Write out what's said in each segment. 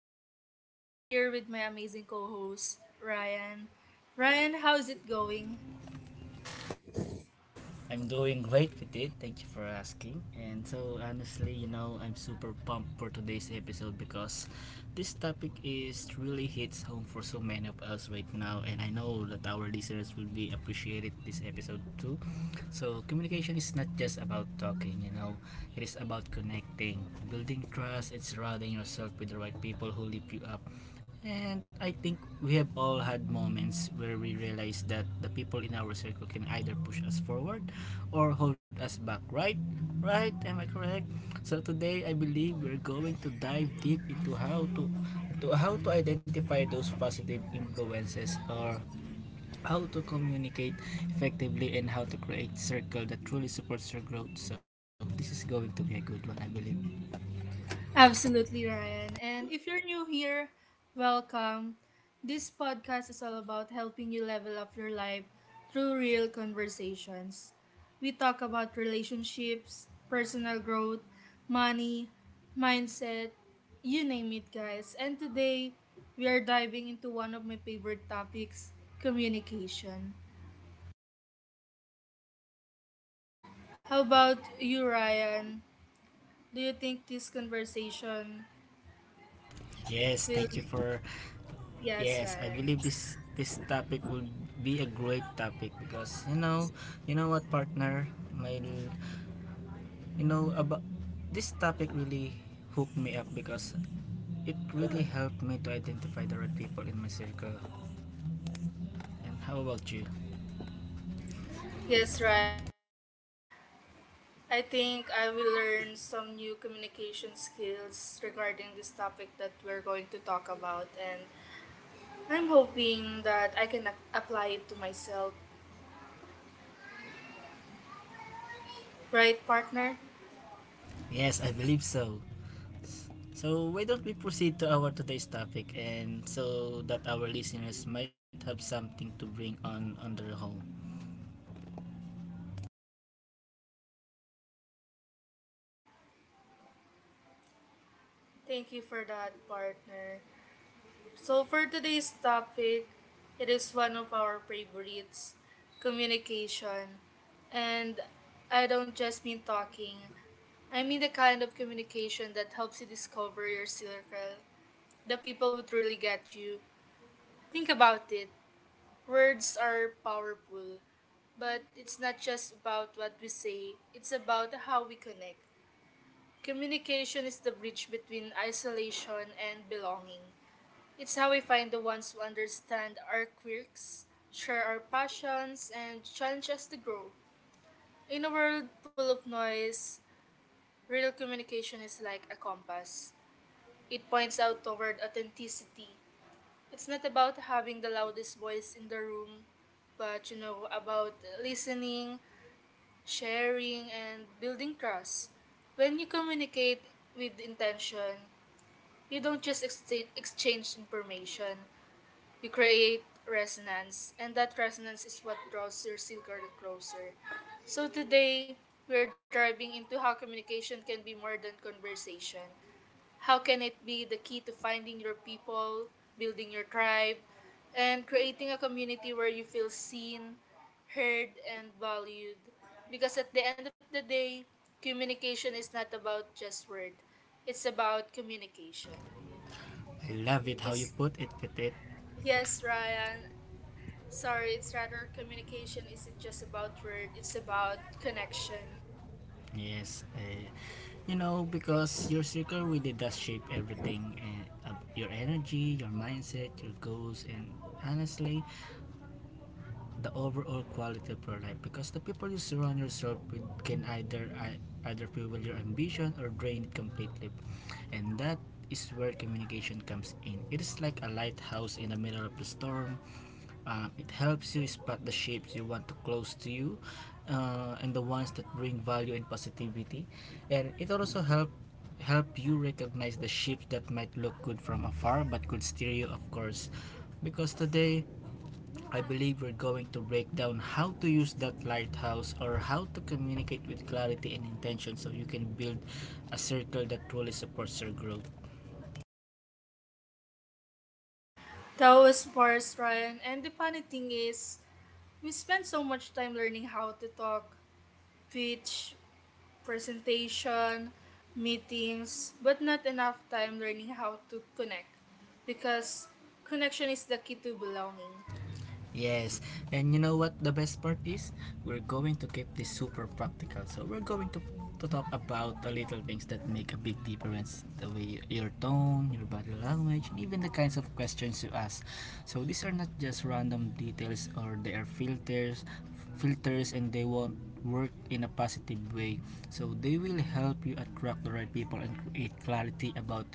always, I'm here with my amazing co host, Ryan. Ryan, how's it going? I'm doing great with it. Thank you for asking. And so, honestly, I'm super pumped for today's episode because this topic is really hits home for so many of us right now. And I know that our listeners will be appreciated this episode too. So, communication is not just about talking, it is about connecting, building trust, and surrounding yourself with the right people who lift you up. And I think we have all had moments where we realize that the people in our circle can either push us forward or hold us back, right? Right? Am I correct? So today I believe we're going to dive deep into how to identify those positive influences, or how to communicate effectively, and how to create circle that truly supports your growth. So this is going to be a good one, I believe. Absolutely, Ryan. And if you're new here, welcome. This podcast is all about helping you level up your life through real conversations. We talk about relationships, personal growth, money, mindset, you name it, guys. And today, we are diving into one of my favorite topics, communication. How about you, Ryan? Do you think this conversation Yes will. thank you for Yes, Yes, I believe Ryan. this topic will be a great topic because you know what, partner, my you know about this topic really hooked me up because it really helped me to identify the right people in my circle. And how about you? Yes, Ryan, and I think I will learn some new communication skills regarding this topic that we're going to talk about, and I'm hoping that I can apply it to myself. Right, partner? Yes, I believe so. So why don't we proceed to our today's topic, and so that our listeners might have something to bring on their home. Thank you for that, partner. So, for today's topic, it is one of our favorites, communication. And I don't just mean talking, I mean the kind of communication that helps you discover your circle, the people would really get you. Think about it. Words are powerful, but it's not just about what we say, it's about how we connect. Communication is the bridge between isolation and belonging. It's how we find the ones who understand our quirks, share our passions, and challenge us to grow. In a world full of noise, real communication is like a compass. It points out toward authenticity. It's not about having the loudest voice in the room, but about listening, sharing, and building trust. When you communicate with intention, you don't just exchange information, you create resonance, and that resonance is what draws your circle closer. So today, we're driving into how communication can be more than conversation. How can it be the key to finding your people, building your tribe, and creating a community where you feel seen, heard, and valued? Because at the end of the day, communication is not about just word. It's about communication. I love it how you It's, put it, Petit. yes, Ryan. Sorry, it's rather communication isn't just about word, it's about connection. Yes, because your circle really does shape everything, your energy, your mindset, your goals, and honestly, the overall quality of your life. Because the people you surround yourself with can either fuel your ambition or drain it completely, and that is where communication comes in. It is like a lighthouse in the middle of the storm. It helps you spot the shapes you want to close to you, and the ones that bring value and positivity. And it also help you recognize the shapes that might look good from afar but could steer you, of course. Because today, I believe we're going to break down how to use that lighthouse, or how to communicate with clarity and intention so you can build a circle that truly supports your growth. That was Boris Ryan, and the funny thing is, we spend so much time learning how to talk, pitch, presentation, meetings, but not enough time learning how to connect, because connection is the key to belonging. Yes, and you know what the best part is? We're going to keep this super practical. So we're going to talk about the little things that make a big difference, the way your tone, your body language, and even the kinds of questions you ask. So these are not just random details, or they are filters and they won't work in a positive way. So they will help you attract the right people and create clarity about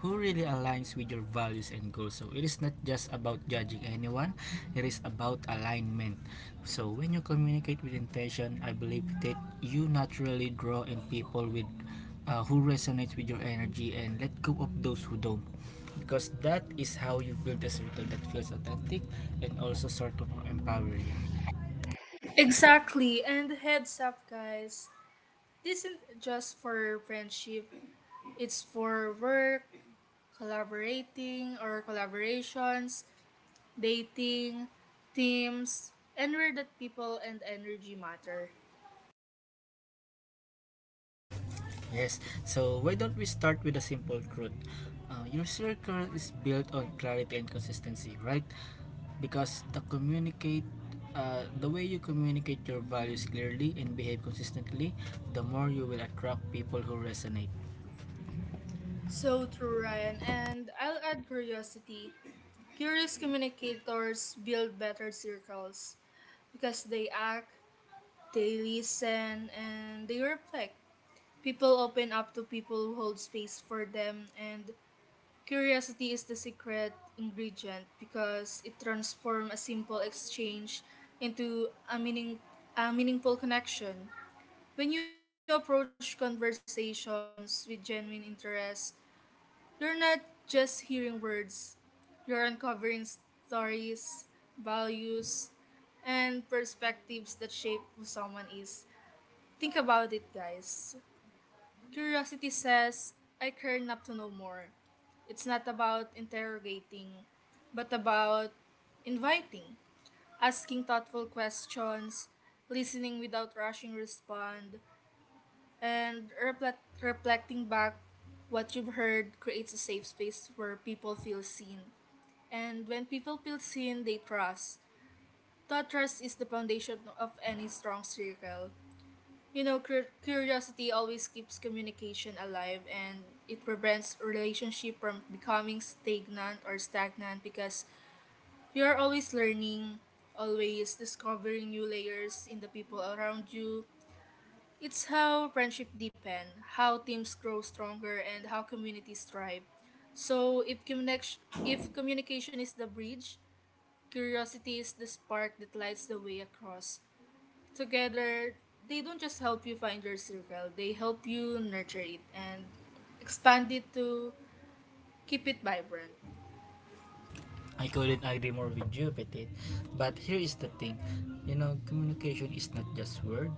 who really aligns with your values and goals. So it is not just about judging anyone, it is about alignment. So when you communicate with intention, I believe that you naturally draw in people with who resonates with your energy and let go of those who don't, because that is how you build a circle that feels authentic and also sort of empowering. Exactly, and heads up, guys. This isn't just for friendship, it's for work, collaborating or collaborations, dating, teams, anywhere that people and energy matter. Yes, so why don't we start with a simple truth? Your circle is built on clarity and consistency, right? Because the way you communicate your values clearly and behave consistently, the more you will attract people who resonate. So true, Ryan. And I'll add curiosity. Curious communicators build better circles because they act, they listen, and they reflect. People open up to people who hold space for them, and curiosity is the secret ingredient because it transforms a simple exchange into a meaningful connection. When you approach conversations with genuine interest, you're not just hearing words, you're uncovering stories, values, and perspectives that shape who someone is. Think about it, guys. Curiosity says, I care enough to know more. It's not about interrogating, but about inviting, asking thoughtful questions, listening without rushing respond, and reflecting back what you've heard creates a safe space where people feel seen. And when people feel seen, they trust. That trust is the foundation of any strong circle. You know, curiosity always keeps communication alive, and it prevents relationship from becoming stagnant because you are always learning, always discovering new layers in the people around you. It's how friendship deepen, how teams grow stronger, and how communities thrive. So if communication is the bridge, curiosity is the spark that lights the way across. Together, they don't just help you find your circle; they help you nurture it and expand it to keep it vibrant. I couldn't agree more with you, Petit. But here is the thing. Communication is not just word.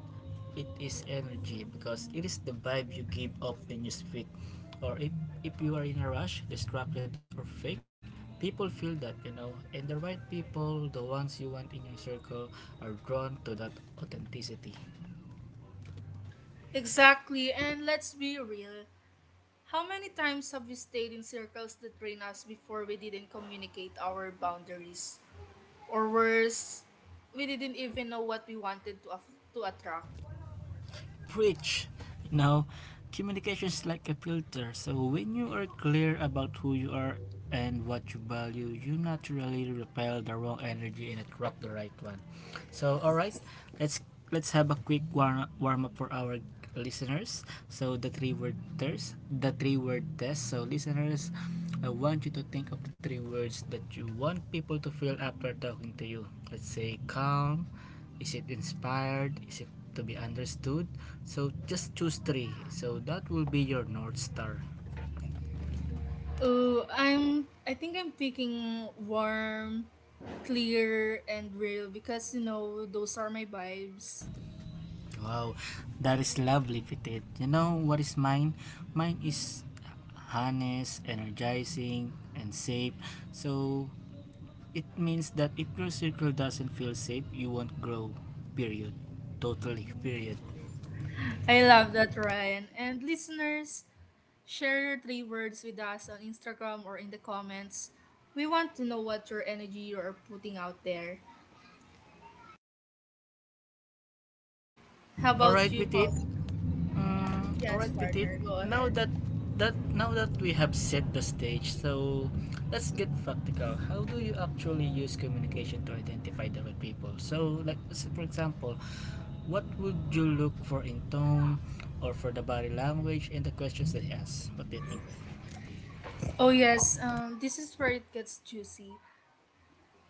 It is energy because it is the vibe you give off when you speak. Or if you are in a rush, distracted or fake, people feel that. And the right people, the ones you want in your circle, are drawn to that authenticity. Exactly, and let's be real. How many times have we stayed in circles that drained us before we didn't communicate our boundaries? Or worse, we didn't even know what we wanted to, to attract. Preach. You know, Communication is like a filter. So when you are clear about who you are and what you value, you naturally repel the wrong energy and attract the right one. So all right, let's let's have a quick warm up for our listeners. So the three word test, the three word test. So listeners, I want you to think of the three words that you want people to feel after talking to you. Let's say calm, is it inspired? Is it to be understood? So just choose three. So that will be your North Star. I think I'm picking warm, clear, and real, because you know those are my vibes. Wow, that is lovely, Pitit. You know what is mine? Mine is honest, energizing, and safe. So it means that if your circle doesn't feel safe, you won't grow. Period. Totally. Period. I love that, Ryan. And listeners, share your three words with us on Instagram or in the comments. We want to know what your energy you are putting out there. How about Alright, you, Pitit. Paul? All Yes, right, Petit. partner, go Now ahead. that now that we have set the stage, so let's get practical. How do you actually use communication to identify the right people? So, like for example, what would you look for in tone, or for the body language and the questions that he asks? What do you think? Oh yes, this is where it gets juicy.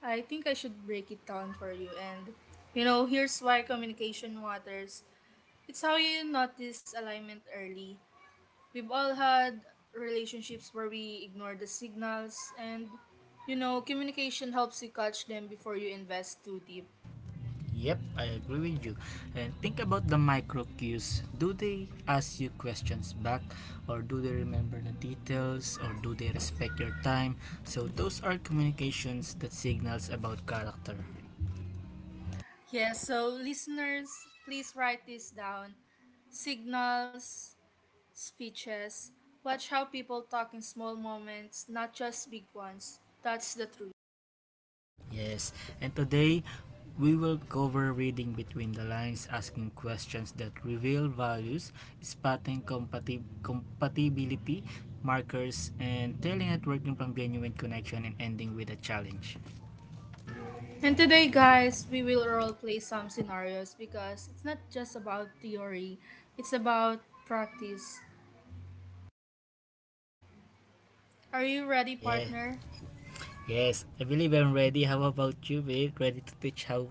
I think I should break it down for you. And you know, here's why communication matters. It's how you notice alignment early. We've all had relationships where we ignore the signals, and you know, communication helps you catch them before you invest too deep. Yep, I agree with you. And think about the micro cues. Do they ask you questions back, or do they remember the details, or do they respect your time? So those are communications that signals about character. Yeah. So listeners, please write this down. Signals, speeches. Watch how people talk in small moments, not just big ones. That's the truth. Yes, and today we will cover reading between the lines, asking questions that reveal values, spotting compatibility markers, and telling networking from genuine connection, and ending with a challenge. And today, guys, we will role play some scenarios, because it's not just about theory, it's about practice. Are you ready, Yeah. partner? Yes, I believe I'm ready. How about you, babe?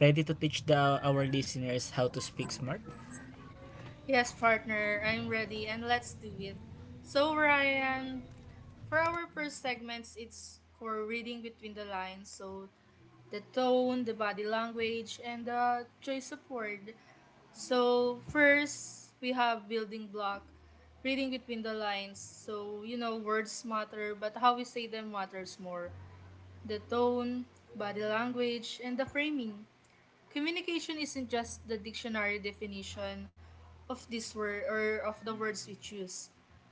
Ready to teach the our listeners how to speak smart? Yes, partner, I'm ready, and let's do it. So, Ryan, for our first segments, it's for reading between the lines. So, the tone, the body language, and the choice of word. So, first, we have building block, reading between the lines. So, you know, words matter, but how we say them matters more. The tone, body language, and the framing. Communication isn't just the dictionary definition of this word or of the words we choose.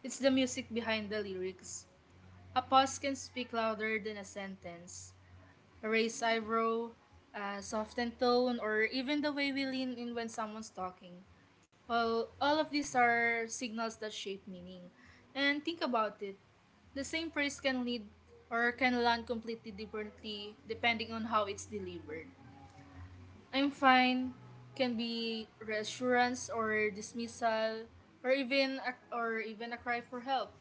It's the music behind the lyrics. A pause can speak louder than a sentence, a raised eyebrow, a softened tone, or even the way we lean in when someone's talking. Well, all of these are signals that shape meaning. And think about it. The same phrase can lead or can land completely differently depending on how it's delivered. I'm fine can be reassurance or dismissal, or even a cry for help,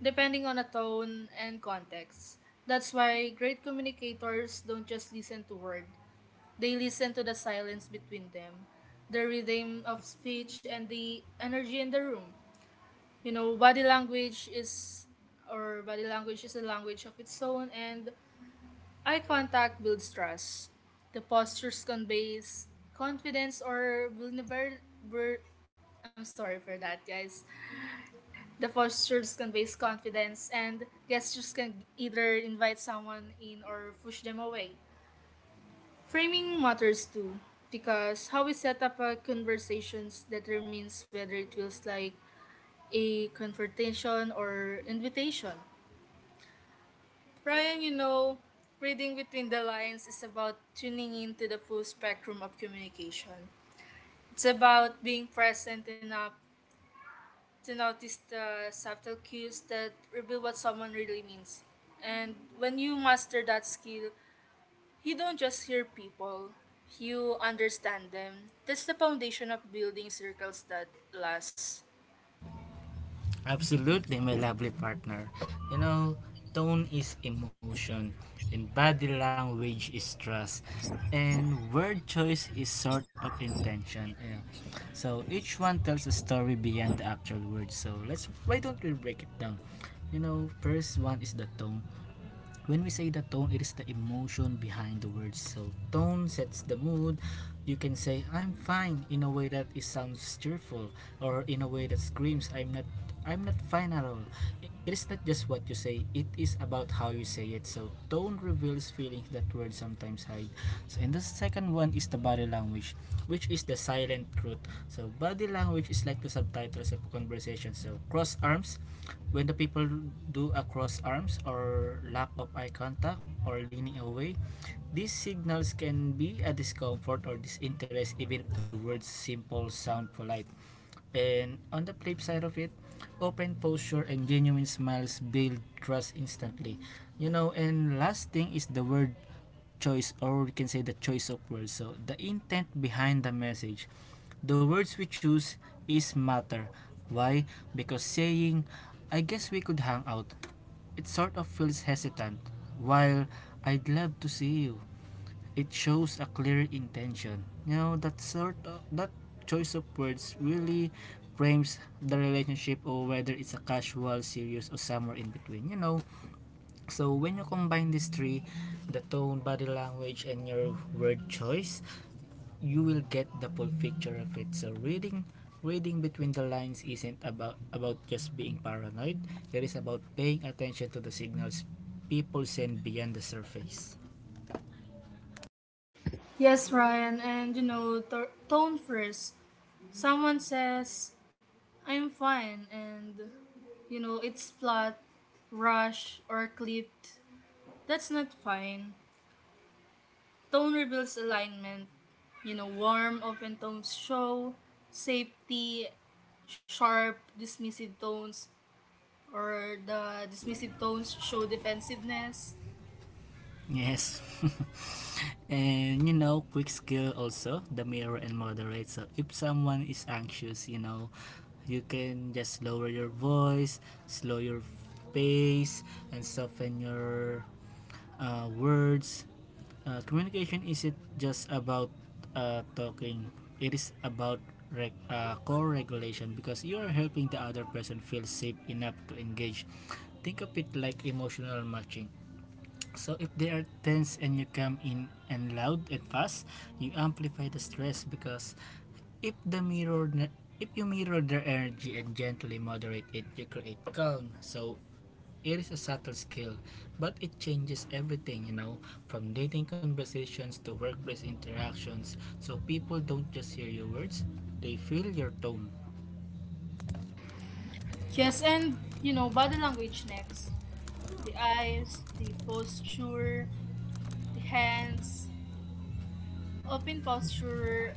depending on the tone and context. That's why great communicators don't just listen to words, they listen to the silence between them, the rhythm of speech, and the energy in the room. You know, body language is a language of its own, and eye contact builds trust. The postures conveys confidence or vulnerable. I'm sorry for that, guys. The postures conveys confidence, and gestures can either invite someone in or push them away. Framing matters too, because how we set up a conversation determines whether it feels like a confrontation or invitation. Brian, you know, reading between the lines is about tuning into the full spectrum of communication. It's about being present enough to notice the subtle cues that reveal what someone really means. And when you master that skill, you don't just hear people, you understand them. That's the foundation of building circles that last. Absolutely, my lovely partner. You know, Tone is emotion, and body language is trust, and word choice is sort of intention. Yeah. So each one tells a story beyond the actual words. So let's why don't we break it down? First one is the tone. When we say the tone, it is the emotion behind the words. So tone sets the mood. You can say I'm fine in a way that it sounds cheerful, or in a way that screams I'm not fine at all. It is not just what you say, it is about how you say it. So tone often reveals feelings that words sometimes hide. So, and the second one is the body language, which is the silent truth. So, body language is like the subtitles of conversation. So, cross arms, when the people do a cross arms or lack of eye contact or leaning away, these signals can be a discomfort or disinterest even if the words simple sound polite. And on the flip side of it, open posture and genuine smiles build trust instantly. And last thing is the word choice, or we can say the choice of words. So the intent behind the message. The words we choose is matter. Why? Because saying, I guess we could hang out, it sort of feels hesitant. While I'd love to see you, it shows a clear intention. That sort of that choice of words really frames the relationship, or whether it's a casual, serious, or somewhere in between. So when you combine these three, the tone, body language, and your word choice, you will get the full picture of it. So reading between the lines isn't about just being paranoid. It is about paying attention to the signals people send beyond the surface. Yes, Ryan, and you know, tone first. Someone says, I'm fine, and you know, it's flat, rush, or clipped. That's not fine. Tone reveals alignment. You know, warm, open tones show safety, sharp, dismissive tones, or the dismissive tones show defensiveness. Yes. And quick skill also, the mirror and moderate. So if someone is anxious, you can just lower your voice, slow your pace, and soften your words. Communication isn't just about talking, it is about core regulation because you are helping the other person feel safe enough to engage. Think of it like emotional matching. So if they are tense and you come in and loud and fast, you amplify the stress because if the mirror if you mirror their energy and gently moderate it, you create calm. So it is a subtle skill, but it changes everything, from dating conversations to workplace interactions. So people don't just hear your words, they feel your tone. Yes, and, you know, body language next. The eyes, the posture, the hands, open posture,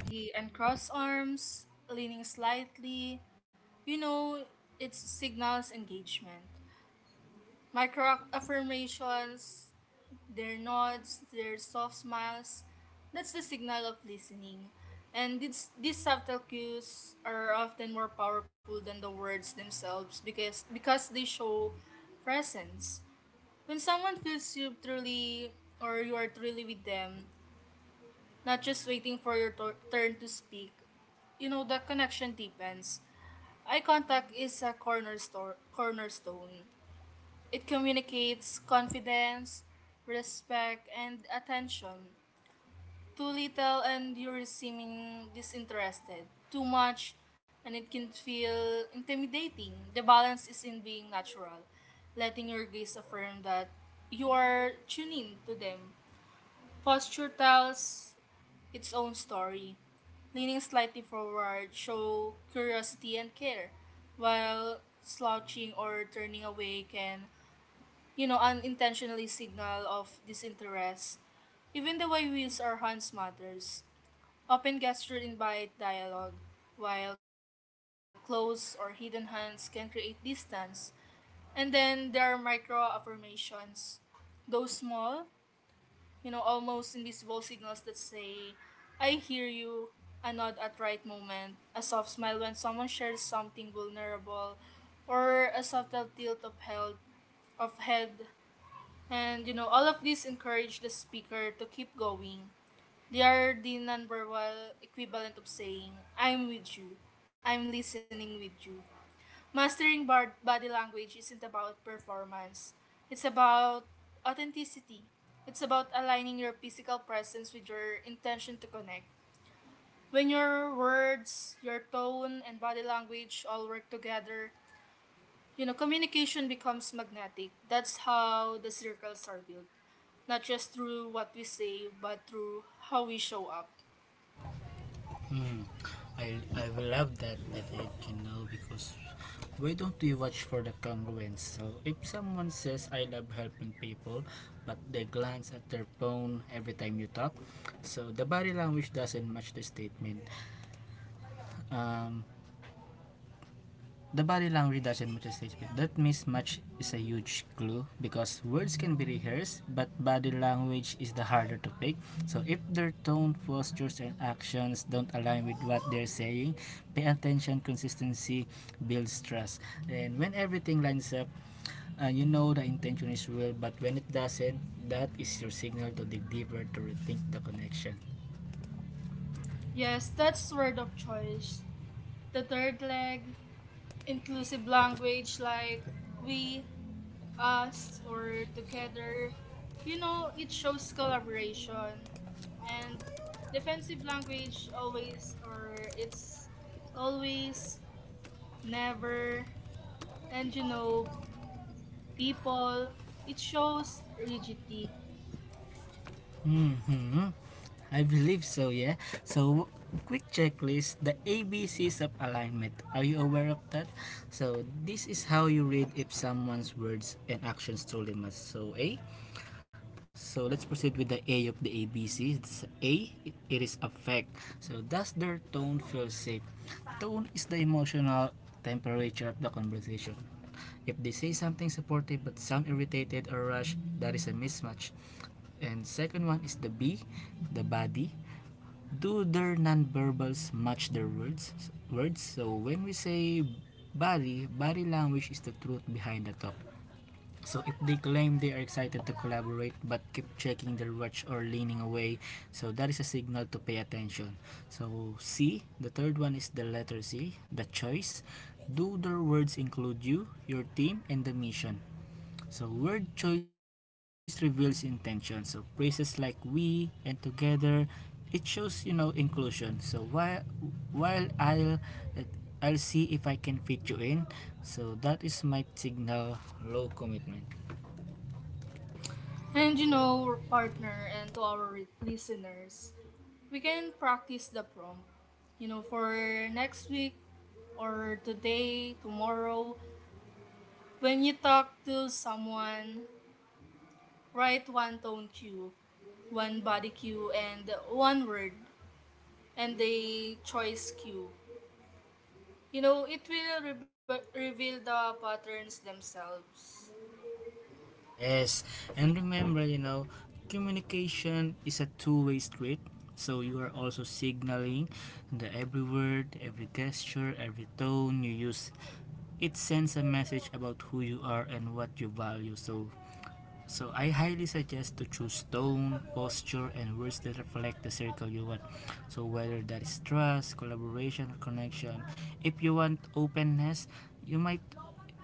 the uncrossed arms, leaning slightly. You know, it signals engagement. Micro affirmations, their nods, their soft smiles, that's the signal of listening. And these subtle cues are often more powerful than the words themselves, because they show presence. When someone feels you are truly with them, not just waiting for your turn to speak, you know, the connection deepens. Eye contact is a cornerstone, it communicates confidence, respect, and attention. Too little and you're seeming disinterested. Too much and it can feel intimidating. The balance is in being natural, letting your gaze affirm that you are tuning to them. Posture tells its own story. Leaning slightly forward show curiosity and care, while slouching or turning away can, you know, unintentionally signal of disinterest. Even the way we use our hands matters. Open gesture invite dialogue, while closed or hidden hands can create distance. And then there are micro affirmations. Those small, you know, almost invisible signals that say, I hear you, a nod at right moment, a soft smile when someone shares something vulnerable, or a subtle tilt of head, and you know, all of these encourage the speaker to keep going. They are the nonverbal equivalent of saying, I'm with you, I'm listening with you. Mastering body language isn't about performance, it's about authenticity. It's about aligning your physical presence with your intention to connect. When your words, your tone, and body language all work together, you know, communication becomes magnetic. That's how the circles are built. Not just through what we say, but through how we show up. Hmm. I will love that that it can know, because why don't we watch for the congruence? So if someone says I love helping people, but they glance at their phone every time you talk, so the body language doesn't match the statement. Um, The body language doesn't match the stage speech. That mismatch is a huge clue because words can be rehearsed, but body language is the harder to pick. So if their tone, postures, and actions don't align with what they're saying, pay attention. Consistency builds trust. And when everything lines up, you know the intention is real, but when it doesn't, that is your signal to dig deeper to rethink the connection. Yes, that's word of choice. The third leg, inclusive language like we, us, or together. You know, it shows collaboration. And defensive language always, or it's always, never, and you know, people. It shows rigidity. Hmm. I believe so, yeah. So, quick checklist the ABCs of alignment. Are you aware of that? So, this is how you read if someone's words and actions truly match. So, A. So, let's proceed with the A of the ABCs. It's A, it is affect. So, does their tone feel safe? Tone is the emotional temperature of the conversation. If they say something supportive but sound irritated or rushed, that is a mismatch. And second one is the B, the body. Do their nonverbals match their words. So when we say body language is the truth behind the talk. So if they claim they are excited to collaborate but keep checking their watch or leaning away, so that is a signal to pay attention. So C, the third one, is the letter C, the choice. Do their words include you, your team, and the mission? So word choice reveals intention. So phrases like we and together, it shows, you know, inclusion. So while I'll see if I can fit you in. So that is my signal, low commitment. And you know, partner, and to our listeners, we can practice the prompt. You know, for next week or today, tomorrow, when you talk to someone, write one tone cue, one body cue, and one word, and a choice cue. You know, it will reveal the patterns themselves. Yes, and remember, you know, communication is a two-way street. So you are also signaling the every word, every gesture, every tone you use. It sends a message about who you are and what you value. So I highly suggest to choose tone, posture, and words that reflect the circle you want. So whether that is trust, collaboration, or connection. If you want openness, you might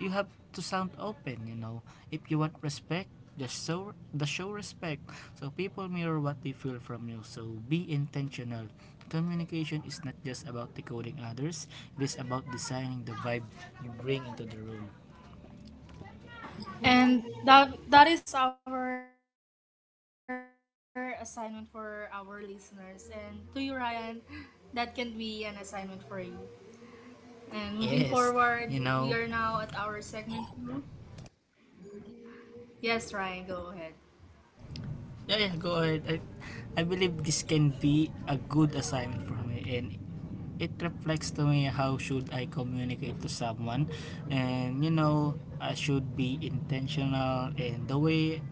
you have to sound open, you know. If you want respect, just show respect. So people mirror what they feel from you. So be intentional. Communication is not just about decoding others, it is about designing the vibe you bring into the room. And that is our assignment for our listeners. And to you, Ryan, that can be an assignment for you. And moving forward, we are now at Yes, our you segment know, two. Yes, Ryan, go ahead. yeah, yeah, go ahead. I believe this can be a good assignment for me, and it reflects to me how should I communicate to someone. And you know, I should be intentional, and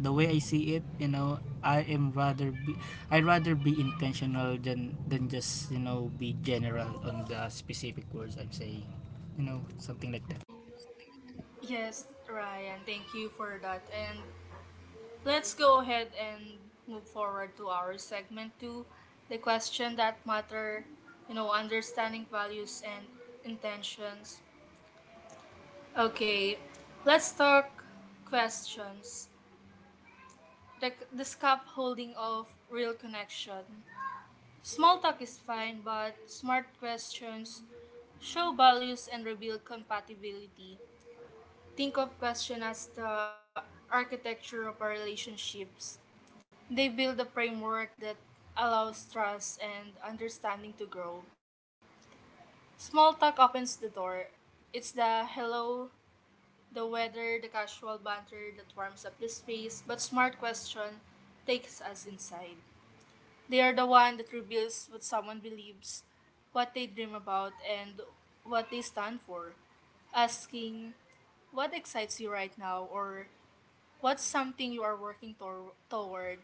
the way I see it, you know, I rather be intentional than just, you know, be general on the specific words I'm saying. You know, something like that. Yes, Ryan, thank you for that. And let's go ahead and move forward to our segment two, the question that matter, understanding values and intentions. Okay, let's talk questions like the scaffolding of real connection. Small talk is fine, but smart questions show values and reveal compatibility. Think of questions as the architecture of our relationships. They build a framework that allows trust and understanding to grow. Small talk opens the door. It's the hello, the weather, the casual banter that warms up the space, but smart question takes us inside. They are the one that reveals what someone believes, what they dream about, and what they stand for. Asking, what excites you right now, or what's something you are working toward,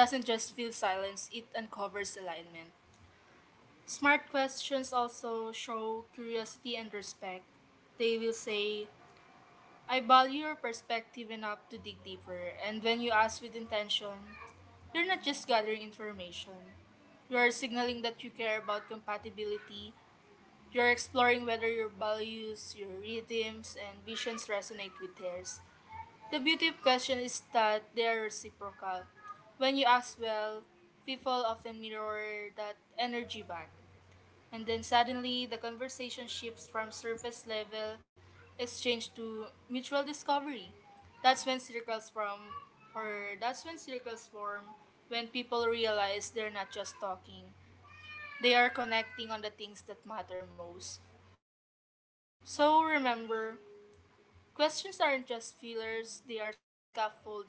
doesn't just fill silence, it uncovers alignment. Smart questions also show curiosity and respect. They will say, I value your perspective enough to dig deeper, and when you ask with intention, you're not just gathering information. You are signaling that you care about compatibility. You're exploring whether your values, your rhythms, and visions resonate with theirs. The beauty of questions is that they are reciprocal. When you ask well, people often mirror that energy back. And then suddenly, the conversation shifts from surface level exchange to mutual discovery. That's when circles form, or that's when circles form, when people realize they're not just talking, they are connecting on the things that matter most. So remember, questions aren't just fillers, they are scaffolding.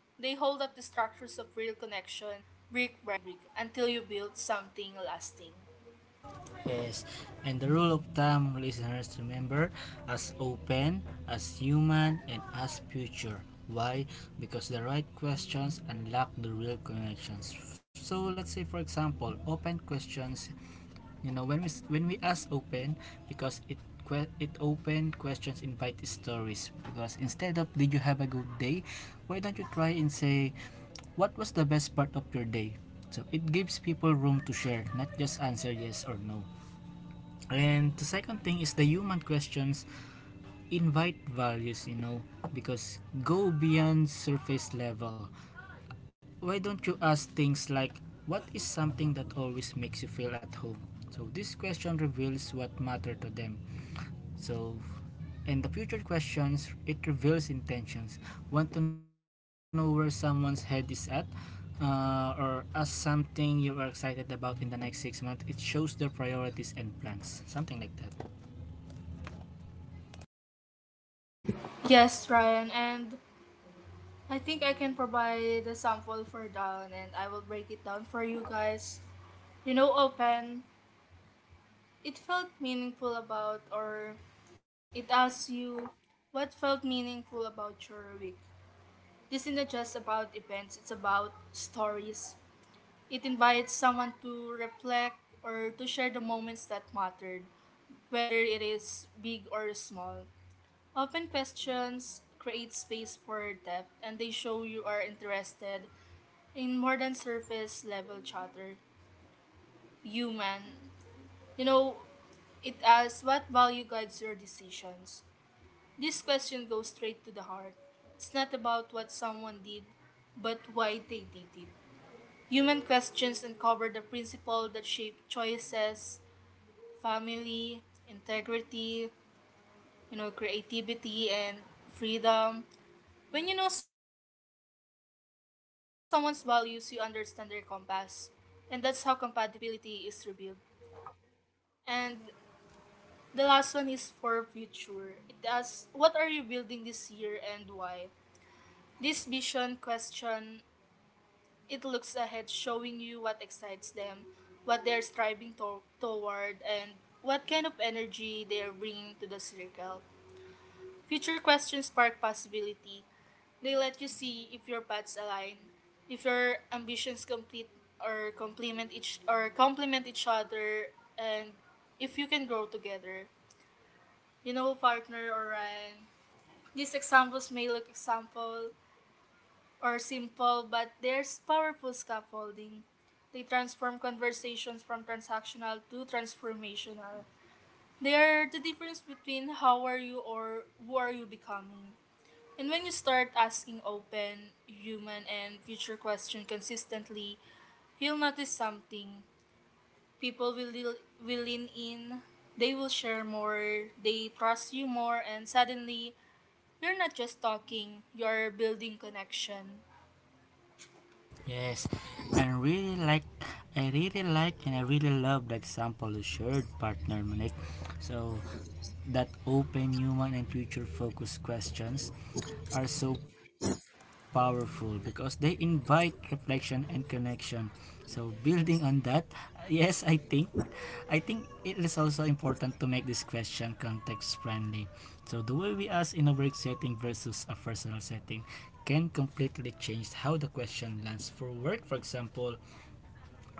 They hold up the structures of real connection, brick by brick, until you build something lasting. Yes, and the rule of thumb, listeners, remember, as open, as human, and as future. Why? Because the right questions unlock the real connections. So let's say, for example, open questions. You know, when we ask open, because it open questions invite stories. Because instead of, did you have a good day, why don't you try and say, what was the best part of your day? So it gives people room to share, not just answer yes or no. And the second thing is the human questions invite values, you know, because go beyond surface level. Why don't you ask things like, what is something that always makes you feel at home? So this question reveals what matter to them. So and the future questions, it reveals intentions. Want to know where someone's head is at? Or as something you are excited about in the next 6 months, it shows their priorities and plans, something like that. Yes, Ryan, and I think I can provide a sample for down and I will break it down for you guys. You know, open, it felt meaningful about, or it asks you what felt meaningful about your week. This isn't just about events, it's about stories. It invites someone to reflect or to share the moments that mattered, whether it is big or small. Open questions create space for depth and they show you are interested in more than surface level chatter. Human, you know, it asks what value guides your decisions. This question goes straight to the heart. It's not about what someone did, but why they did it. Human questions uncover the principle that shape choices, family, integrity, you know, creativity and freedom. When you know someone's values, you understand their compass, and that's how compatibility is revealed. And the last one is for future. It asks, what are you building this year and why? This vision question, it looks ahead, showing you what excites them, what they're striving toward, and what kind of energy they are bringing to the circle. Future questions spark possibility. They let you see if your paths align, if your ambitions complete or complement each other, and if you can grow together. You know, partner or Ryan. These examples may look example or simple, but there's powerful scaffolding. They transform conversations from transactional to transformational. They are the difference between how are you or who are you becoming. And when you start asking open, human, and future questions consistently, you'll notice something. People will lean in, they will share more, they trust you more, and suddenly, you're not just talking, you're building connection. Yes, and really like I really like and I really love the example you shared, partner Monique. So that open, human, and future focused questions are so powerful because they invite reflection and connection. So building on that, yes, I think it is also important to make this question context friendly. So the way we ask in a work setting versus a personal setting can completely change how the question lands. For work, for example,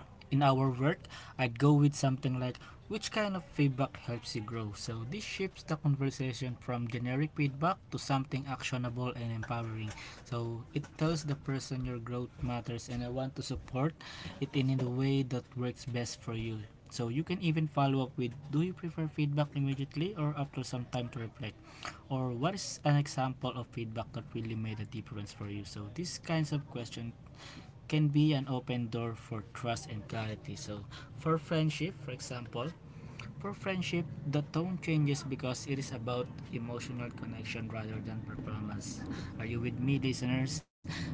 in our work, I'd go with something like, which kind of feedback helps you grow. So this shifts the conversation from generic feedback to something actionable and empowering. So it tells the person, your growth matters and I want to support it in the way that works best for you. So you can even follow up with, do you prefer feedback immediately or after some time to reflect, or what is an example of feedback that really made a difference for you. So these kinds of questions can be an open door for trust and clarity. For friendship, for example, for friendship, the tone changes because it is about emotional connection rather than performance. Are you with me, listeners?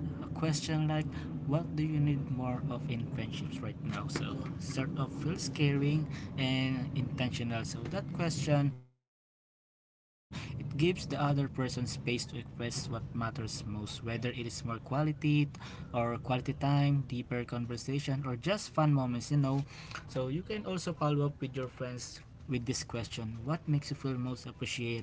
A question like, what do you need more of in friendships right now? So, sort of feels caring and intentional. So, that question, it gives the other person space to express what matters most, whether it is more quality or quality time, deeper conversation, or just fun moments, you know. So, you can also follow up with your friends with this question, what makes you feel most appreciated as a friend?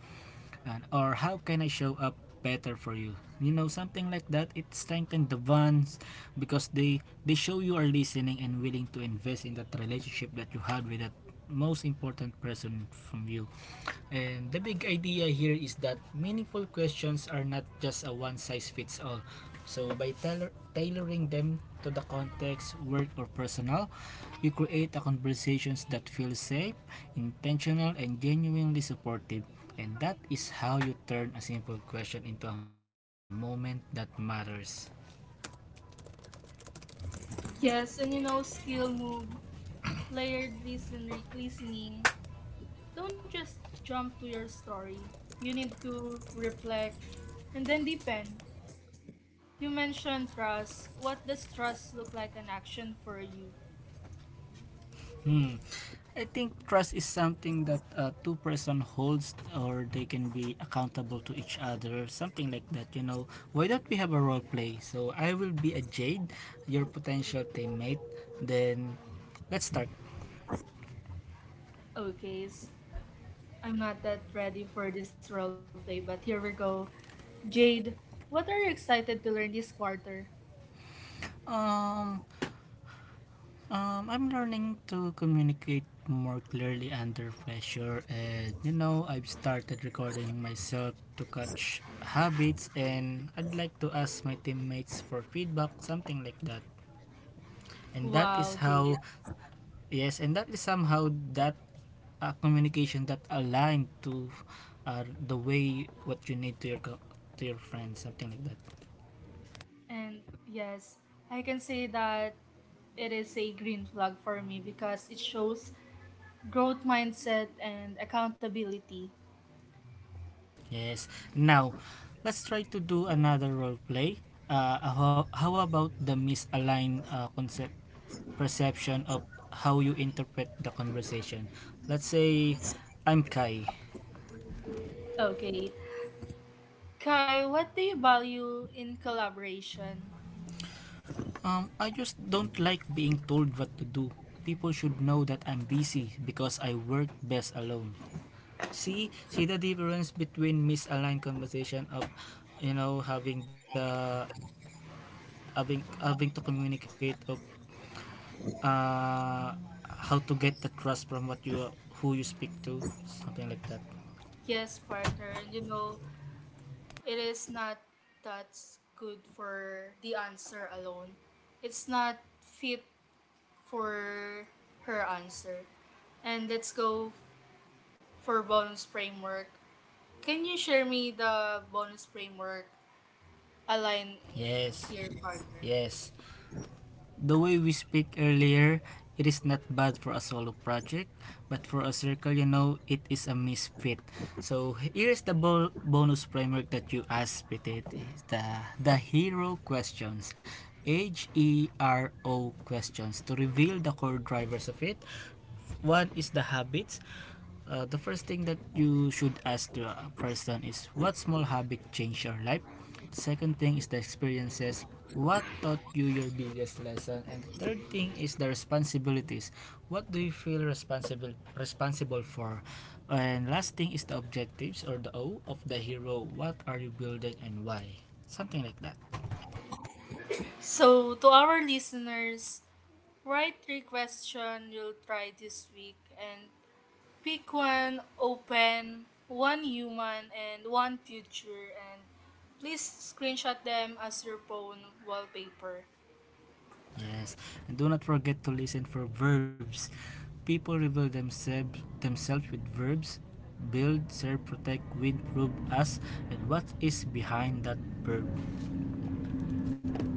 And, or, how can I show up better for you? You know, something like that. It strengthens the bonds because they show you are listening and willing to invest in that relationship that you had with that most important person from you. And the big idea here is that meaningful questions are not just a one size fits all. So by tailoring them to the context, work or personal, you create a conversations that feel safe, intentional, and genuinely supportive. And that is how you turn a simple question into a moment that matters. Yes, and you know, skill move, layered listening. Don't just jump to your story. You need to reflect and then deepen. You mentioned trust. What does trust look like in action for you? Hmm, I think trust is something that two-person holds or they can be accountable to each other, something like that. You know, why don't we have a role play? So I will be a Jade, your potential teammate. Then let's start. Okay, I'm not that ready for this roleplay, but here we go. Jade, what are you excited to learn this quarter? Um, I'm learning to communicate more clearly under pressure, and you know, I've started recording myself to catch habits, and I'd like to ask my teammates for feedback, something like that. And that is Wow, how. Jade. Yes, and that is somehow that communication that aligned to the way what you need to your to your friends, something like that. And yes, I can say that it is a green flag for me because it shows growth mindset and accountability. Yes. Now, let's try to do another role play. How about the misaligned concept perception of how you interpret the conversation? Let's say I'm Kai. Okay. Kai, what do you value in collaboration? I just don't like being told what to do. People should know that I'm busy because I work best alone. See the difference between misaligned conversation of, you know, having the having to communicate of uh how to get the trust from what you, who you speak to, something like that. Yes, partner. You know, it is not that's good for the answer alone. It's not fit for her answer. And let's go for bonus framework. Can you share me the bonus framework align Yes. your partner? Yes. The way we speak earlier, it is not bad for a solo project, but for a circle, you know, it is a misfit. So here is the bonus framework that you asked, Pitit. It's the hero questions. HERO questions to reveal the core drivers of it. One is the habits. The first thing that you should ask the person is, what small habit changed your life? The second thing is the experiences. What taught you your biggest lesson? And the third thing is the responsibilities. What do you feel responsible for? And last thing is the objectives, or the O of the hero. What are you building and why? Something like that. So to our listeners, write three questions you'll try this week and pick one open, one human, and one future, and please screenshot them as your phone wallpaper. Yes, and do not forget to listen for verbs. People reveal themselves with verbs. Build, serve, protect, win, prove us, and what is behind that verb.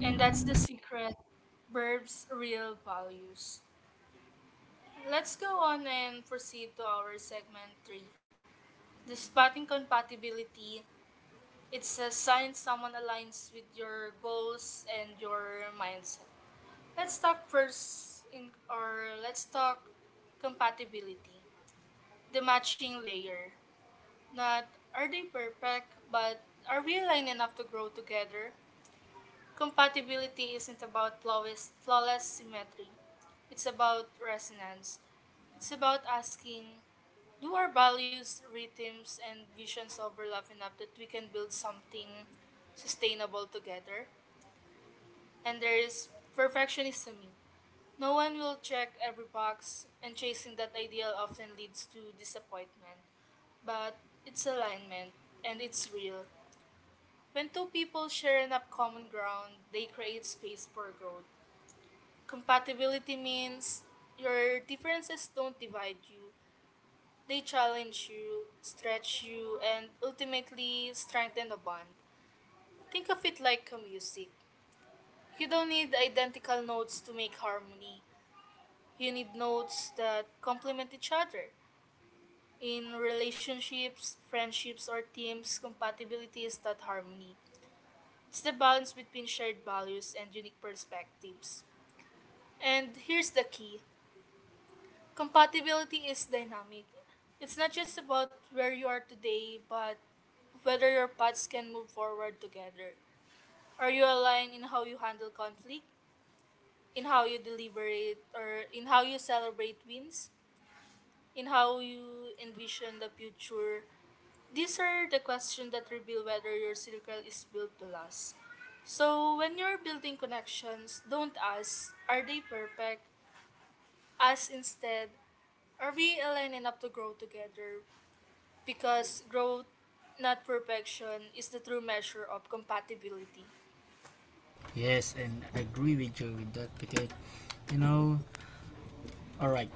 And that's the secret Burbs Real Values. Let's go on and proceed to our segment 3. The spotting compatibility. It's a sign someone aligns with your goals and your mindset. Let's talk first in or let's talk compatibility. The matching layer. Not are they perfect, but are we aligned enough to grow together? Compatibility isn't about flawless symmetry, it's about resonance. It's about asking, do our values, rhythms, and visions overlap enough that we can build something sustainable together? And there is perfectionism. No one will check every box, and chasing that ideal often leads to disappointment. But it's alignment, and it's real. When two people share enough common ground, they create space for growth. Compatibility means your differences don't divide you, they challenge you, stretch you, and ultimately strengthen the bond. Think of it like a music. You don't need identical notes to make harmony. You need notes that complement each other. In relationships, friendships, or teams, compatibility is not harmony. It's the balance between shared values and unique perspectives. And here's the key, compatibility is dynamic. It's not just about where you are today, but whether your paths can move forward together. Are you aligned in how you handle conflict, in how you deliberate, or in how you celebrate wins, in how you envision the future? These are the questions that reveal whether your circle is built to last. So, when you're building connections, don't ask, are they perfect? Ask instead, are we aligned enough to grow together? Because growth, not perfection, is the true measure of compatibility. Yes, and I agree with you with that because you know. All right,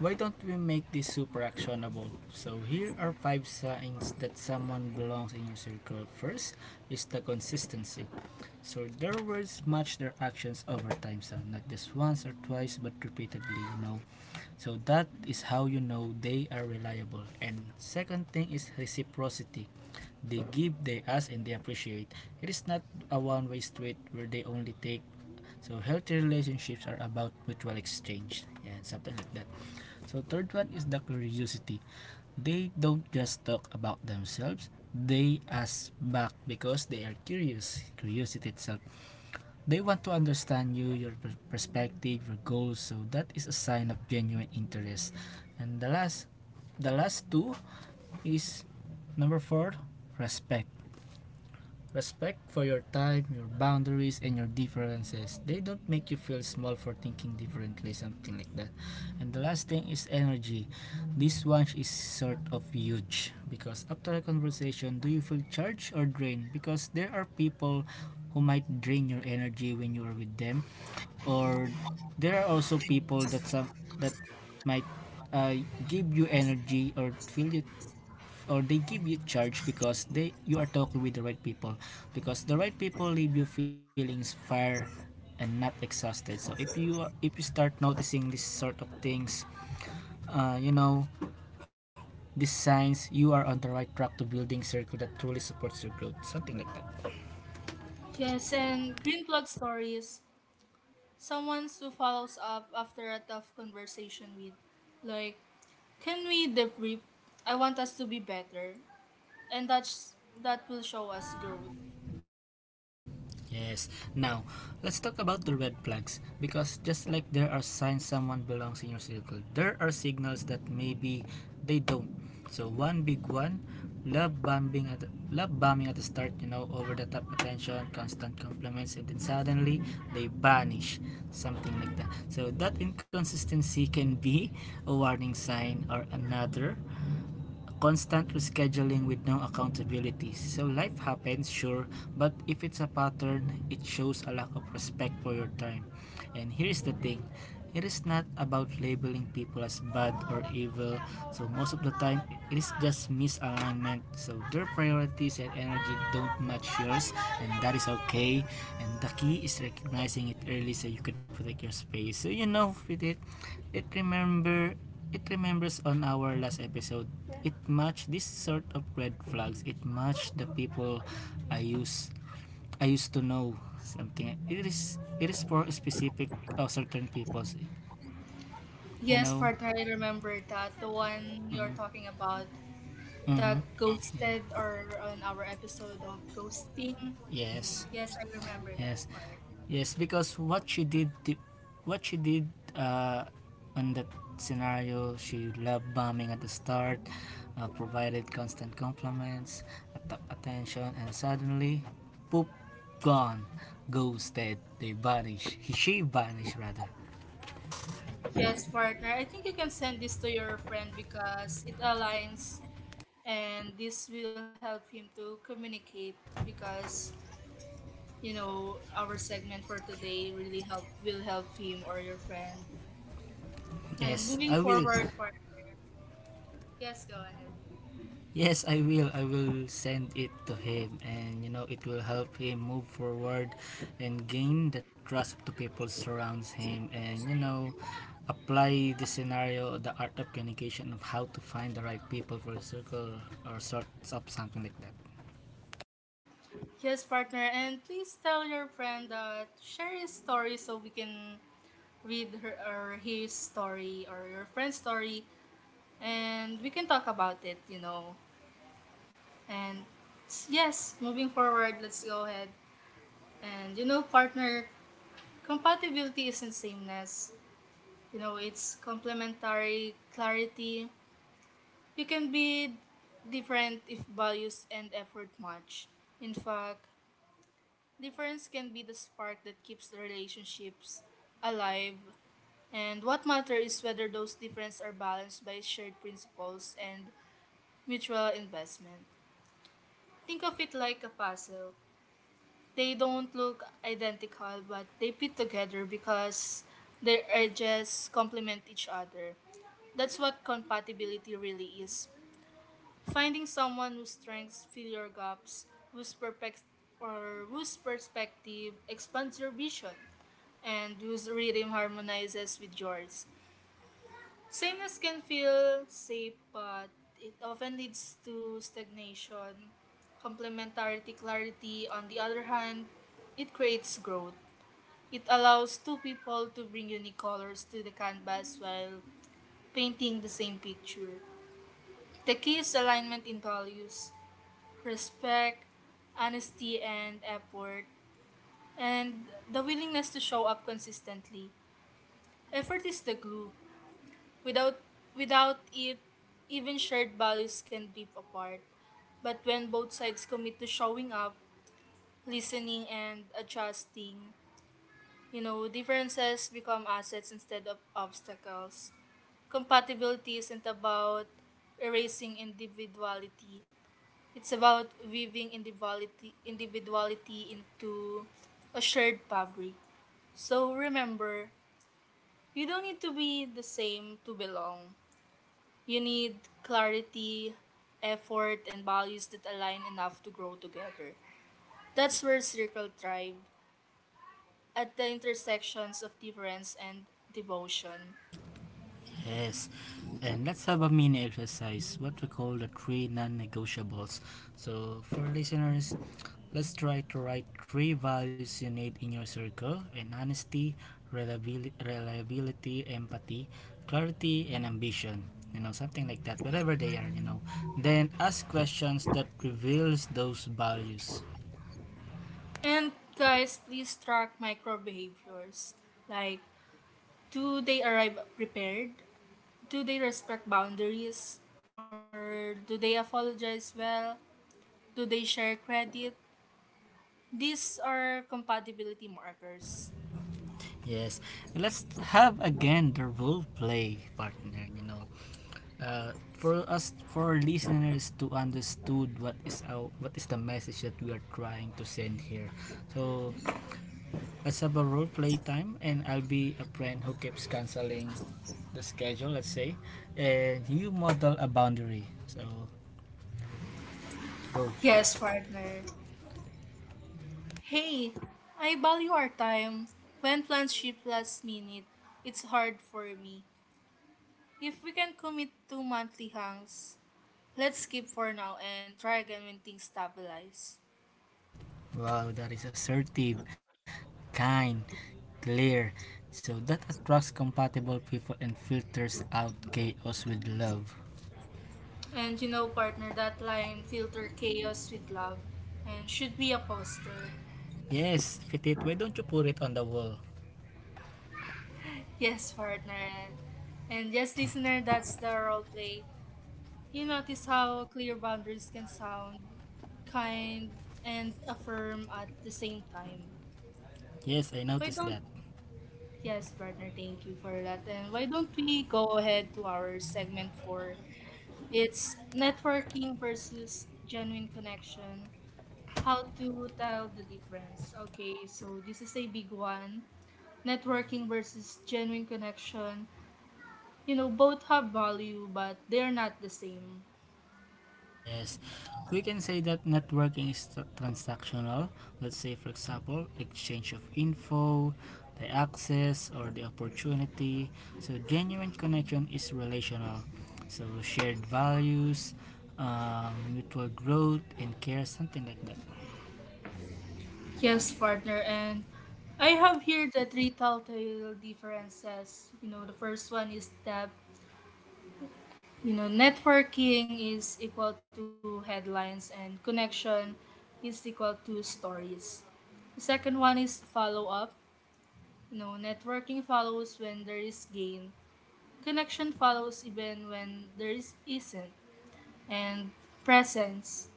why don't we make this super actionable? So here are five signs that someone belongs in your circle. First is the consistency. So their words match their actions over time, so not just once or twice, but repeatedly, you know. So that is how you know they are reliable. And second thing is reciprocity. They give, they ask, and they appreciate. It is not a one-way street where they only take. So healthy relationships are about mutual exchange and something like that. So third one is the curiosity. They don't just talk about themselves. They ask back because they are curious. Curiosity itself, they want to understand you, your perspective, your goals. So that is a sign of genuine interest. And the last two is number four, respect. Respect for your time, your boundaries, and your differences. They don't make you feel small for thinking differently, something like that. And the last thing is energy. This one is sort of huge because after a conversation, do you feel charged or drained? Because there are people who might drain your energy when you are with them, or there are also people that some that might uh, give you energy or feel you, or they give you charge because they you are talking with the right people, because the right people leave you feeling inspired and not exhausted. So if you start noticing this sort of things, you know, these signs, you are on the right track to building a circle that truly supports your growth, something like that. Yes, and green plug stories. Someone who follows up after a tough conversation with, like, can we debrief? I want us to be better. And that's, that will show us growth. Yes. Now, let's talk about the red flags, because just like there are signs someone belongs in your circle, there are signals that maybe they don't. So one big one, love bombing at the start, you know, over the top attention, constant compliments, and then suddenly they vanish, something like that. So that inconsistency can be a warning sign. Or another, a constant rescheduling with no accountability. So life happens, sure, but if it's a pattern, it shows a lack of respect for your time. And here's the thing, it is not about labeling people as bad or evil. So, most of the time, it is just misalignment. So, their priorities and energy don't match yours, and that is okay. And the key is recognizing it early so you could protect your space. So, you know, with it remember. It remembers on our last episode. It matched this sort of red flags. It matched the people I use I used to know something. It is for specific or certain people. You Yes, know. partner, I remember that. The one you're Mm, talking about, the mm-hmm. ghosted Yeah. or on our episode of ghosting. Yes. Yes, I remember that Yes. part. Yes. Because what she did uh, on that scenario, she loved bombing at the start, provided constant compliments, attention, and suddenly, poop, gone, ghosted. They vanish. She vanished rather. Yes, partner. I think you can send this to your friend because it aligns and this will help him to communicate because you know our segment for today really help will help him or your friend. And Yes, moving I will. forward, partner. Yes, go ahead. Yes, I will. I will send it to him, and you know it will help him move forward and gain the trust of the people surrounds him, and you know apply the scenario, the art of communication of how to find the right people for a circle or sorts of something like that. Yes, partner, and please tell your friend that share his story so we can read her or his story or your friend's story and we can talk about it, you know. And yes, moving forward, let's go ahead. And you know, partner, compatibility isn't sameness. You know, it's complementary clarity. You can be different if values and effort match. In fact, difference can be the spark that keeps the relationships alive. And what matters is whether those differences are balanced by shared principles and mutual investment. Think of it like a puzzle. They don't look identical, but they fit together because their edges complement each other. That's what compatibility really is. Finding someone whose strengths fill your gaps, whose perpec- or whose perspective expands your vision, and whose rhythm harmonizes with yours. Sameness can feel safe, but it often leads to stagnation. Complementarity clarity, on the other hand, it creates growth. It allows two people to bring unique colors to the canvas while painting the same picture. The key is alignment in values, respect, honesty, and effort, and the willingness to show up consistently. Effort is the glue. Without without it, even shared values can drift apart. But when both sides commit to showing up, listening, and adjusting, you know, differences become assets instead of obstacles. Compatibility isn't about erasing individuality. It's about weaving individuality into a shared fabric. So remember, you don't need to be the same to belong. You need clarity, effort, and values that align enough to grow together. That's where Circle Tribe, at the intersections of difference and devotion. Yes. And let's have a mini exercise, what we call the three non negotiables. So, for listeners, let's try to write three values you need in your circle and honesty, reliability empathy, clarity, and ambition. You know, something like that, whatever they are, you know. Then ask questions that reveals those values. And guys, please track micro behaviors. Like, do they arrive prepared? Do they respect boundaries, or do they apologize well, do they share credit? These are compatibility markers. Yes. And let's have again the role play partner, you know. For us for our listeners to understood what is the message that we are trying to send here. So let's have a role play time, and I'll be a friend who keeps canceling the schedule, let's say, and you model a boundary. So go. Yes, partner. Hey, I value our time. When plans shift last minute, it's hard for me. If we can commit to monthly hangs, let's skip for now and try again when things stabilize. Wow, that is assertive, kind, clear. So that attracts compatible people and filters out chaos with love. And you know partner, that line, filter chaos with love, and should be a poster. Yes, Fitit, why don't you put it on the wall? Yes, partner. And yes, listener, that's the role play. You notice how clear boundaries can sound kind and affirm at the same time. Yes, I Why noticed don't, that. yes, partner, thank you for that. And why don't we go ahead to our segment four? It's networking versus genuine connection. How to tell the difference. Okay, so this is a big one. Networking versus genuine connection. You know, both have value, but they're not the same. Yes, we can say that networking is transactional. Let's say, for example, exchange of info, the access, or the opportunity. So, genuine connection is relational. So, shared values, mutual growth, and care, something like that. Yes, partner, and I have here the three telltale differences. You know, the first one is that, you know, networking is equal to headlines and connection is equal to stories. The second one is follow up. You know, networking follows when there is gain, connection follows even when there is isn't, and presence,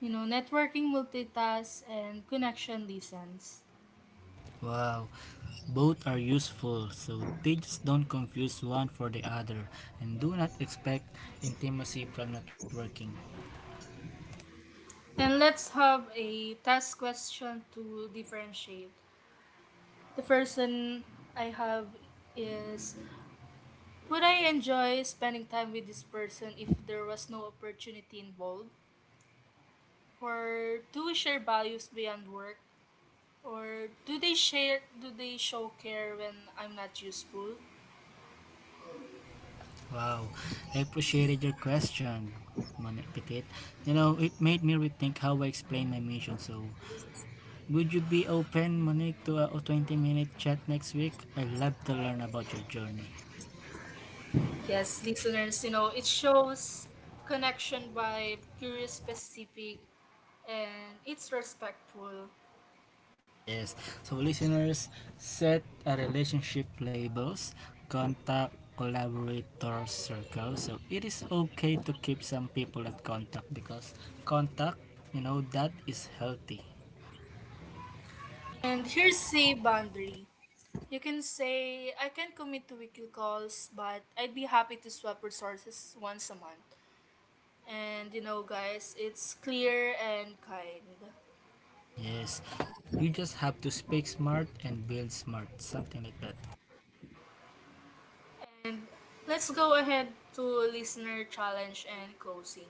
you know, networking multitask and connection listens. Wow, both are useful, so they just don't confuse one for the other and do not expect intimacy from networking. And let's have a task question to differentiate. The first one I have is, would I enjoy spending time with this person if there was no opportunity involved? Or do we share values beyond work? Or do they show care when I'm not useful? Wow, I appreciated your question, Manipit. You know, it made me rethink how I explain my mission. So, would you be open, Monique, to a 20-minute chat next week? I'd love to learn about your journey. Yes, listeners, you know, it shows connection by curious specific and it's respectful. Yes, so listeners, set a relationship labels, contact collaborator circle. So, it is okay to keep some people at contact because contact, you know, that is healthy. And here's a boundary. You can say, I can't commit to weekly calls, but I'd be happy to swap resources once a month. And you know, guys, it's clear and kind. Yes, you just have to speak smart and build smart, something like that. And let's go ahead to listener challenge and closing.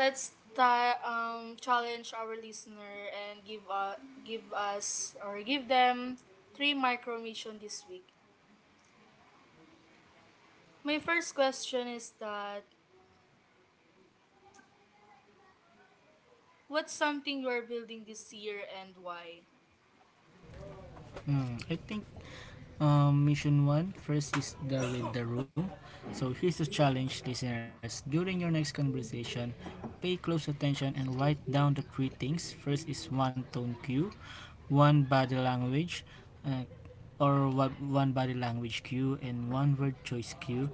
Let's challenge our listener and give us or give them three micro mission this week. My first question is that, what's something you are building this year and why? Hmm, I think mission one first is the read the room. So here's the challenge, listeners. During your next conversation, pay close attention and write down the three things. First is one tone cue, one body language uh, one body language cue and one word choice cue.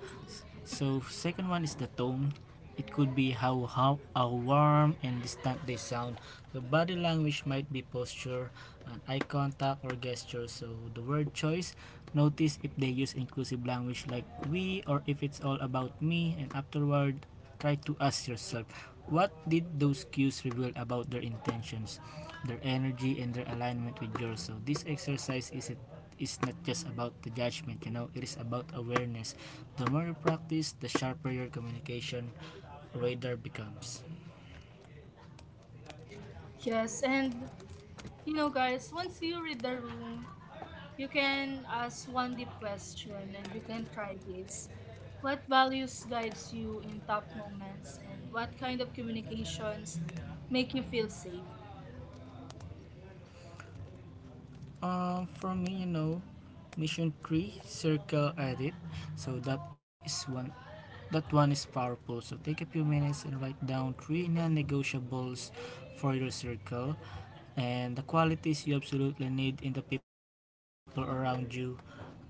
So second one is the tone. It could be how warm and distant they sound. The body language might be posture, and eye contact or gesture. So the word choice, notice if they use inclusive language like we or if it's all about me. And afterward, try to ask yourself, what did those cues reveal about their intentions? Their energy and their alignment with yours. So this exercise is, it is not just about the judgment, you know, it is about awareness. The more you practice, the sharper your communication radar becomes. Yes, and you know guys, once you read the room, you can ask one deep question and you can try this. What values guides you in tough moments and what kind of communications make you feel safe? For me, you know, mission three, circle edit. So that one is powerful. So take a few minutes and write down three non-negotiables for your circle and the qualities you absolutely need in the people around you. Um,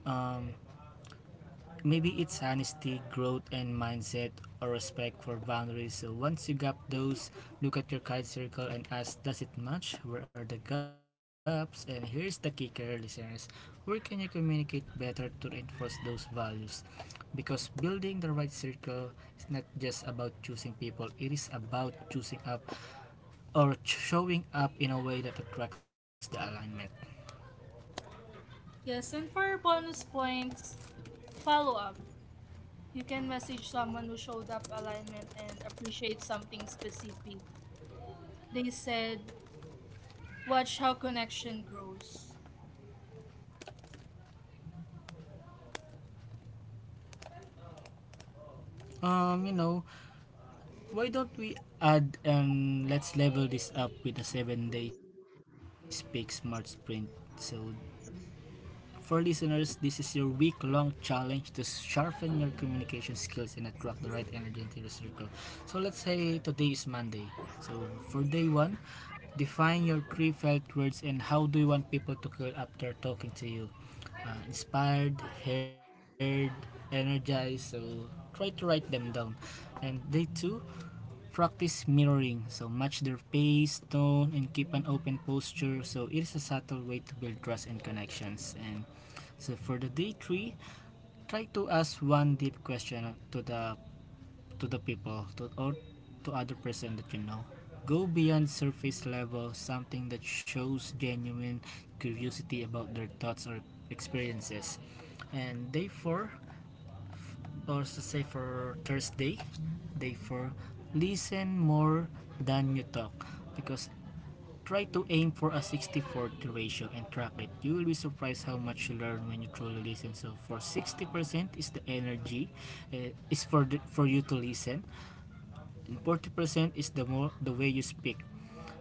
Maybe it's honesty, growth, and mindset or respect for boundaries. So once you gap those, look at your card circle and ask, does it match? Where are the gaps? And here's the kicker, listeners. Where can you communicate better to reinforce those values? Because building the right circle is not just about choosing people, it is about choosing up or showing up in a way that attracts the alignment. Yes, and for bonus points, follow up. You can message someone who showed up alignment and appreciate something specific. They said, watch how connection grows. You know, why don't we add and let's level this up with a 7-day Speak Smart Sprint? So, for listeners, this is your week long challenge to sharpen your communication skills and attract the right energy into your circle. So, let's say today is Monday. So, for day one, define your three felt words and how do you want people to feel after talking to you. Inspired, heard, energized. So, try to write them down. And day two, practice mirroring. So match their pace, tone, and keep an open posture. So it is a subtle way to build trust and connections. And so for the day three, try to ask one deep question to the people to, or to other person that you know. Go beyond surface level, something that shows genuine curiosity about their thoughts or experiences. And day four, also say for Thursday, day four, listen more than you talk, because try to aim for a 60 40 ratio and track it. You will be surprised how much you learn when you truly listen. So for 60% is the energy, for you to listen, and 40% is the more the way you speak.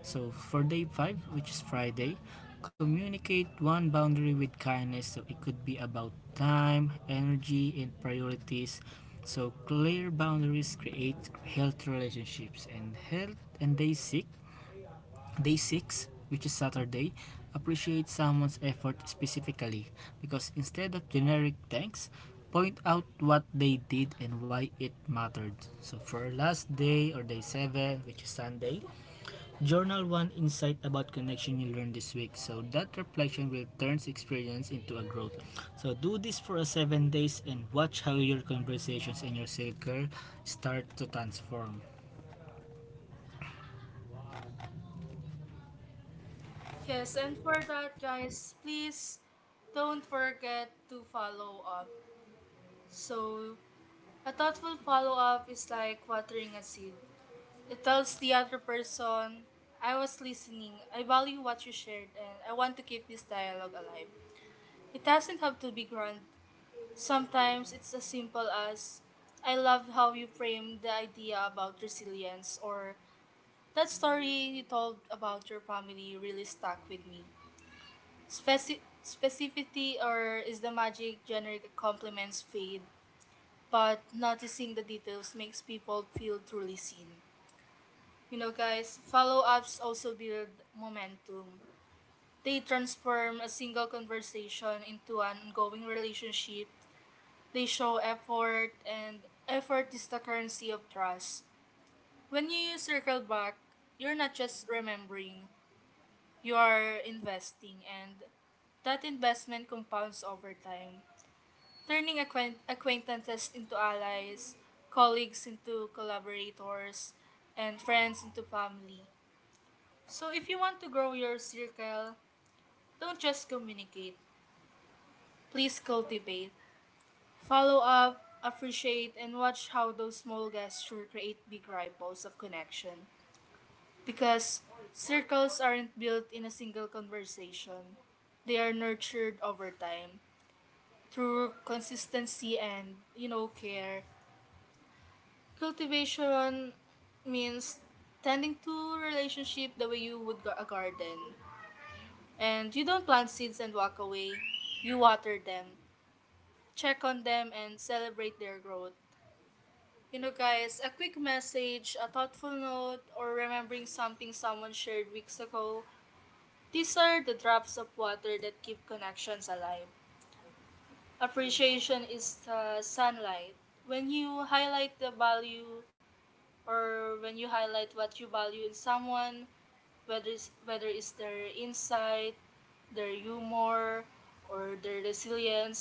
So for day 5, which is Friday, communicate one boundary with kindness. So it could be about time, energy, and priorities. So clear boundaries create healthy relationships and health. And Day 6, which is Saturday, appreciate someone's effort specifically, because instead of generic thanks, point out what they did and why it mattered. So for last day or day 7, which is Sunday, journal one insight about connection you learned this week. So that reflection will turn experience into a growth. So do this for 7 days and watch how your conversations and your circle start to transform. Yes, and for that, guys, please don't forget to follow up. So, a thoughtful follow up is like watering a seed. It tells the other person, I was listening, I value what you shared, and I want to keep this dialogue alive. It doesn't have to be grand. Sometimes it's as simple as, I love how you framed the idea about resilience, or that story you told about your family really stuck with me. Specificity or is the magic. Generic compliments fade, but noticing the details makes people feel truly seen. You know guys, follow-ups also build momentum. They transform a single conversation into an ongoing relationship. They show effort, and effort is the currency of trust. When you use Circle Back, you're not just remembering, you are investing, and that investment compounds over time, turning acquaintances into allies, colleagues into collaborators, and friends into family. So if you want to grow your circle, don't just communicate, please cultivate. Follow up, appreciate, and watch how those small gestures create big ripples of connection. Because circles aren't built in a single conversation, they are nurtured over time through consistency and, you know, care. Cultivation means tending to relationship the way you would a garden. And you don't plant seeds and walk away. You water them, check on them, and celebrate their growth. You know, guys, a quick message, a thoughtful note, or remembering something someone shared weeks ago, these are the drops of water that keep connections alive. Appreciation is the sunlight. When you highlight the value, or when you highlight what you value in someone, whether it's their insight, their humor, or their resilience,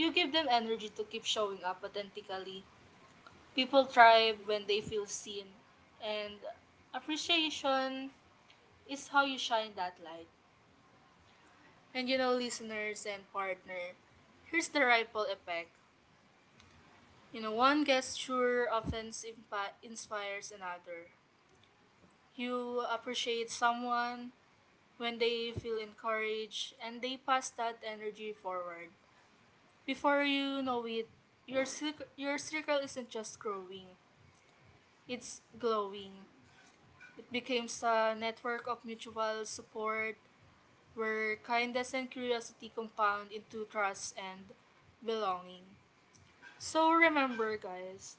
you give them energy to keep showing up authentically. People thrive when they feel seen, and appreciation is how you shine that light. And you know, listeners and partner, here's the ripple effect. You know, one gesture often inspires another. You appreciate someone when they feel encouraged and they pass that energy forward. Before you know it, your circle isn't just growing, it's glowing. Becomes a network of mutual support where kindness and curiosity compound into trust and belonging. So remember, guys,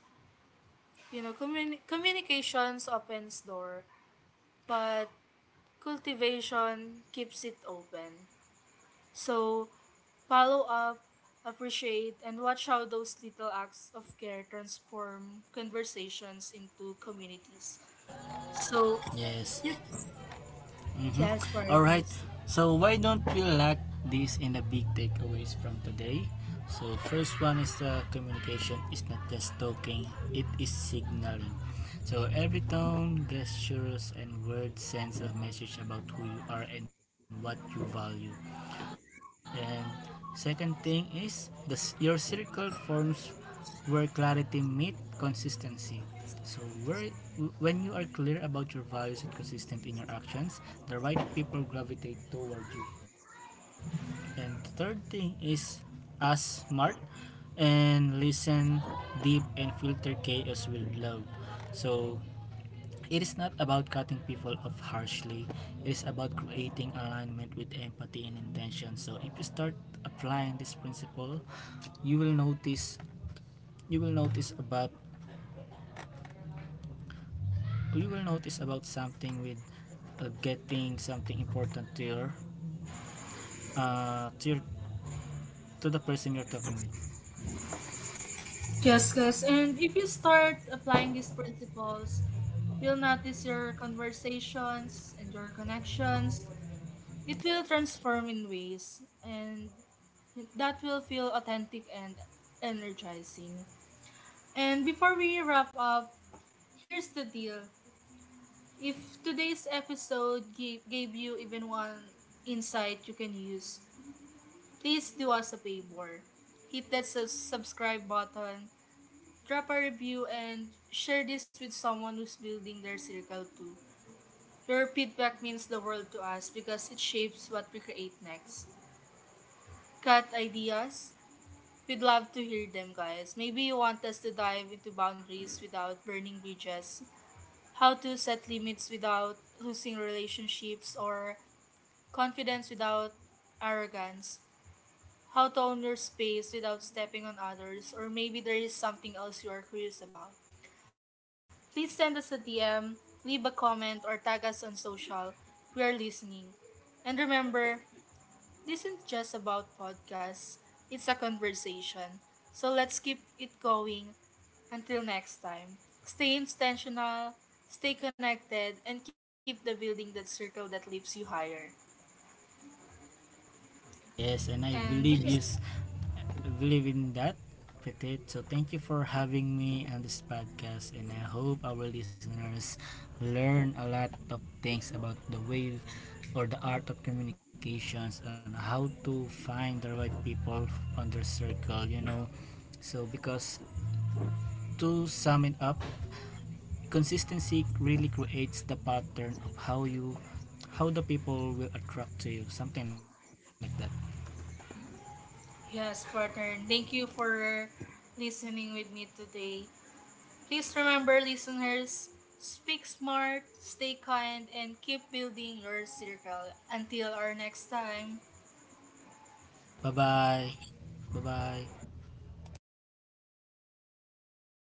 you know, communications opens door, but cultivation keeps it open. So follow up, appreciate, and watch how those little acts of care transform conversations into communities. So, Yes. you, Mm-hmm. yes, All right. partners. So why don't we lock this in, the big takeaways from today? So first one is the communication is not just talking; it is signaling. So every tone, gestures, and word sends a message about who you are and what you value. And second thing is the your circle forms where clarity meets consistency. So where when you are clear about your values and consistent in your actions, the right people gravitate toward you. And the third thing is ask smart and listen deep and filter chaos with love. So it is not about cutting people off harshly. It is about creating alignment with empathy and intention. So if you start applying this principle, you will notice you will notice about you will notice about something with getting something important to uh, to your, to the person you're talking with. Yes, guys. And if you start applying these principles, you'll notice your conversations and your connections. It will transform in ways, and that will feel authentic and energizing. And before we wrap up, here's the deal. If today's episode gave you even one insight you can use, please do us a favor. Hit that subscribe button, drop a review and share this with someone who's building their circle too. Your feedback means the world to us because it shapes what we create next. Got ideas? We'd love to hear them, guys. Maybe you want us to dive into boundaries without burning bridges, how to set limits without losing relationships, or confidence without arrogance, how to own your space without stepping on others, or maybe there is something else you are curious about. Please send us a DM, leave a comment, or tag us on social. We are listening. And remember, this isn't just about podcasts, it's a conversation. So let's keep it going until next time. Stay intentional, stay connected, and keep the building that circle that lifts you higher. Yes, and And I believe in that, Petit. So thank you for having me on this podcast, and I hope our listeners learn a lot of things about the way or the art of communications and how to find the right people on their circle. You know, so because to sum it up, consistency really creates the pattern of how the people will attract to you, something like that. yes, partner, thank you for listening with me today. Please remember, listeners, speak smart, stay kind, and keep building your circle. Until our next time. Bye bye. Bye bye.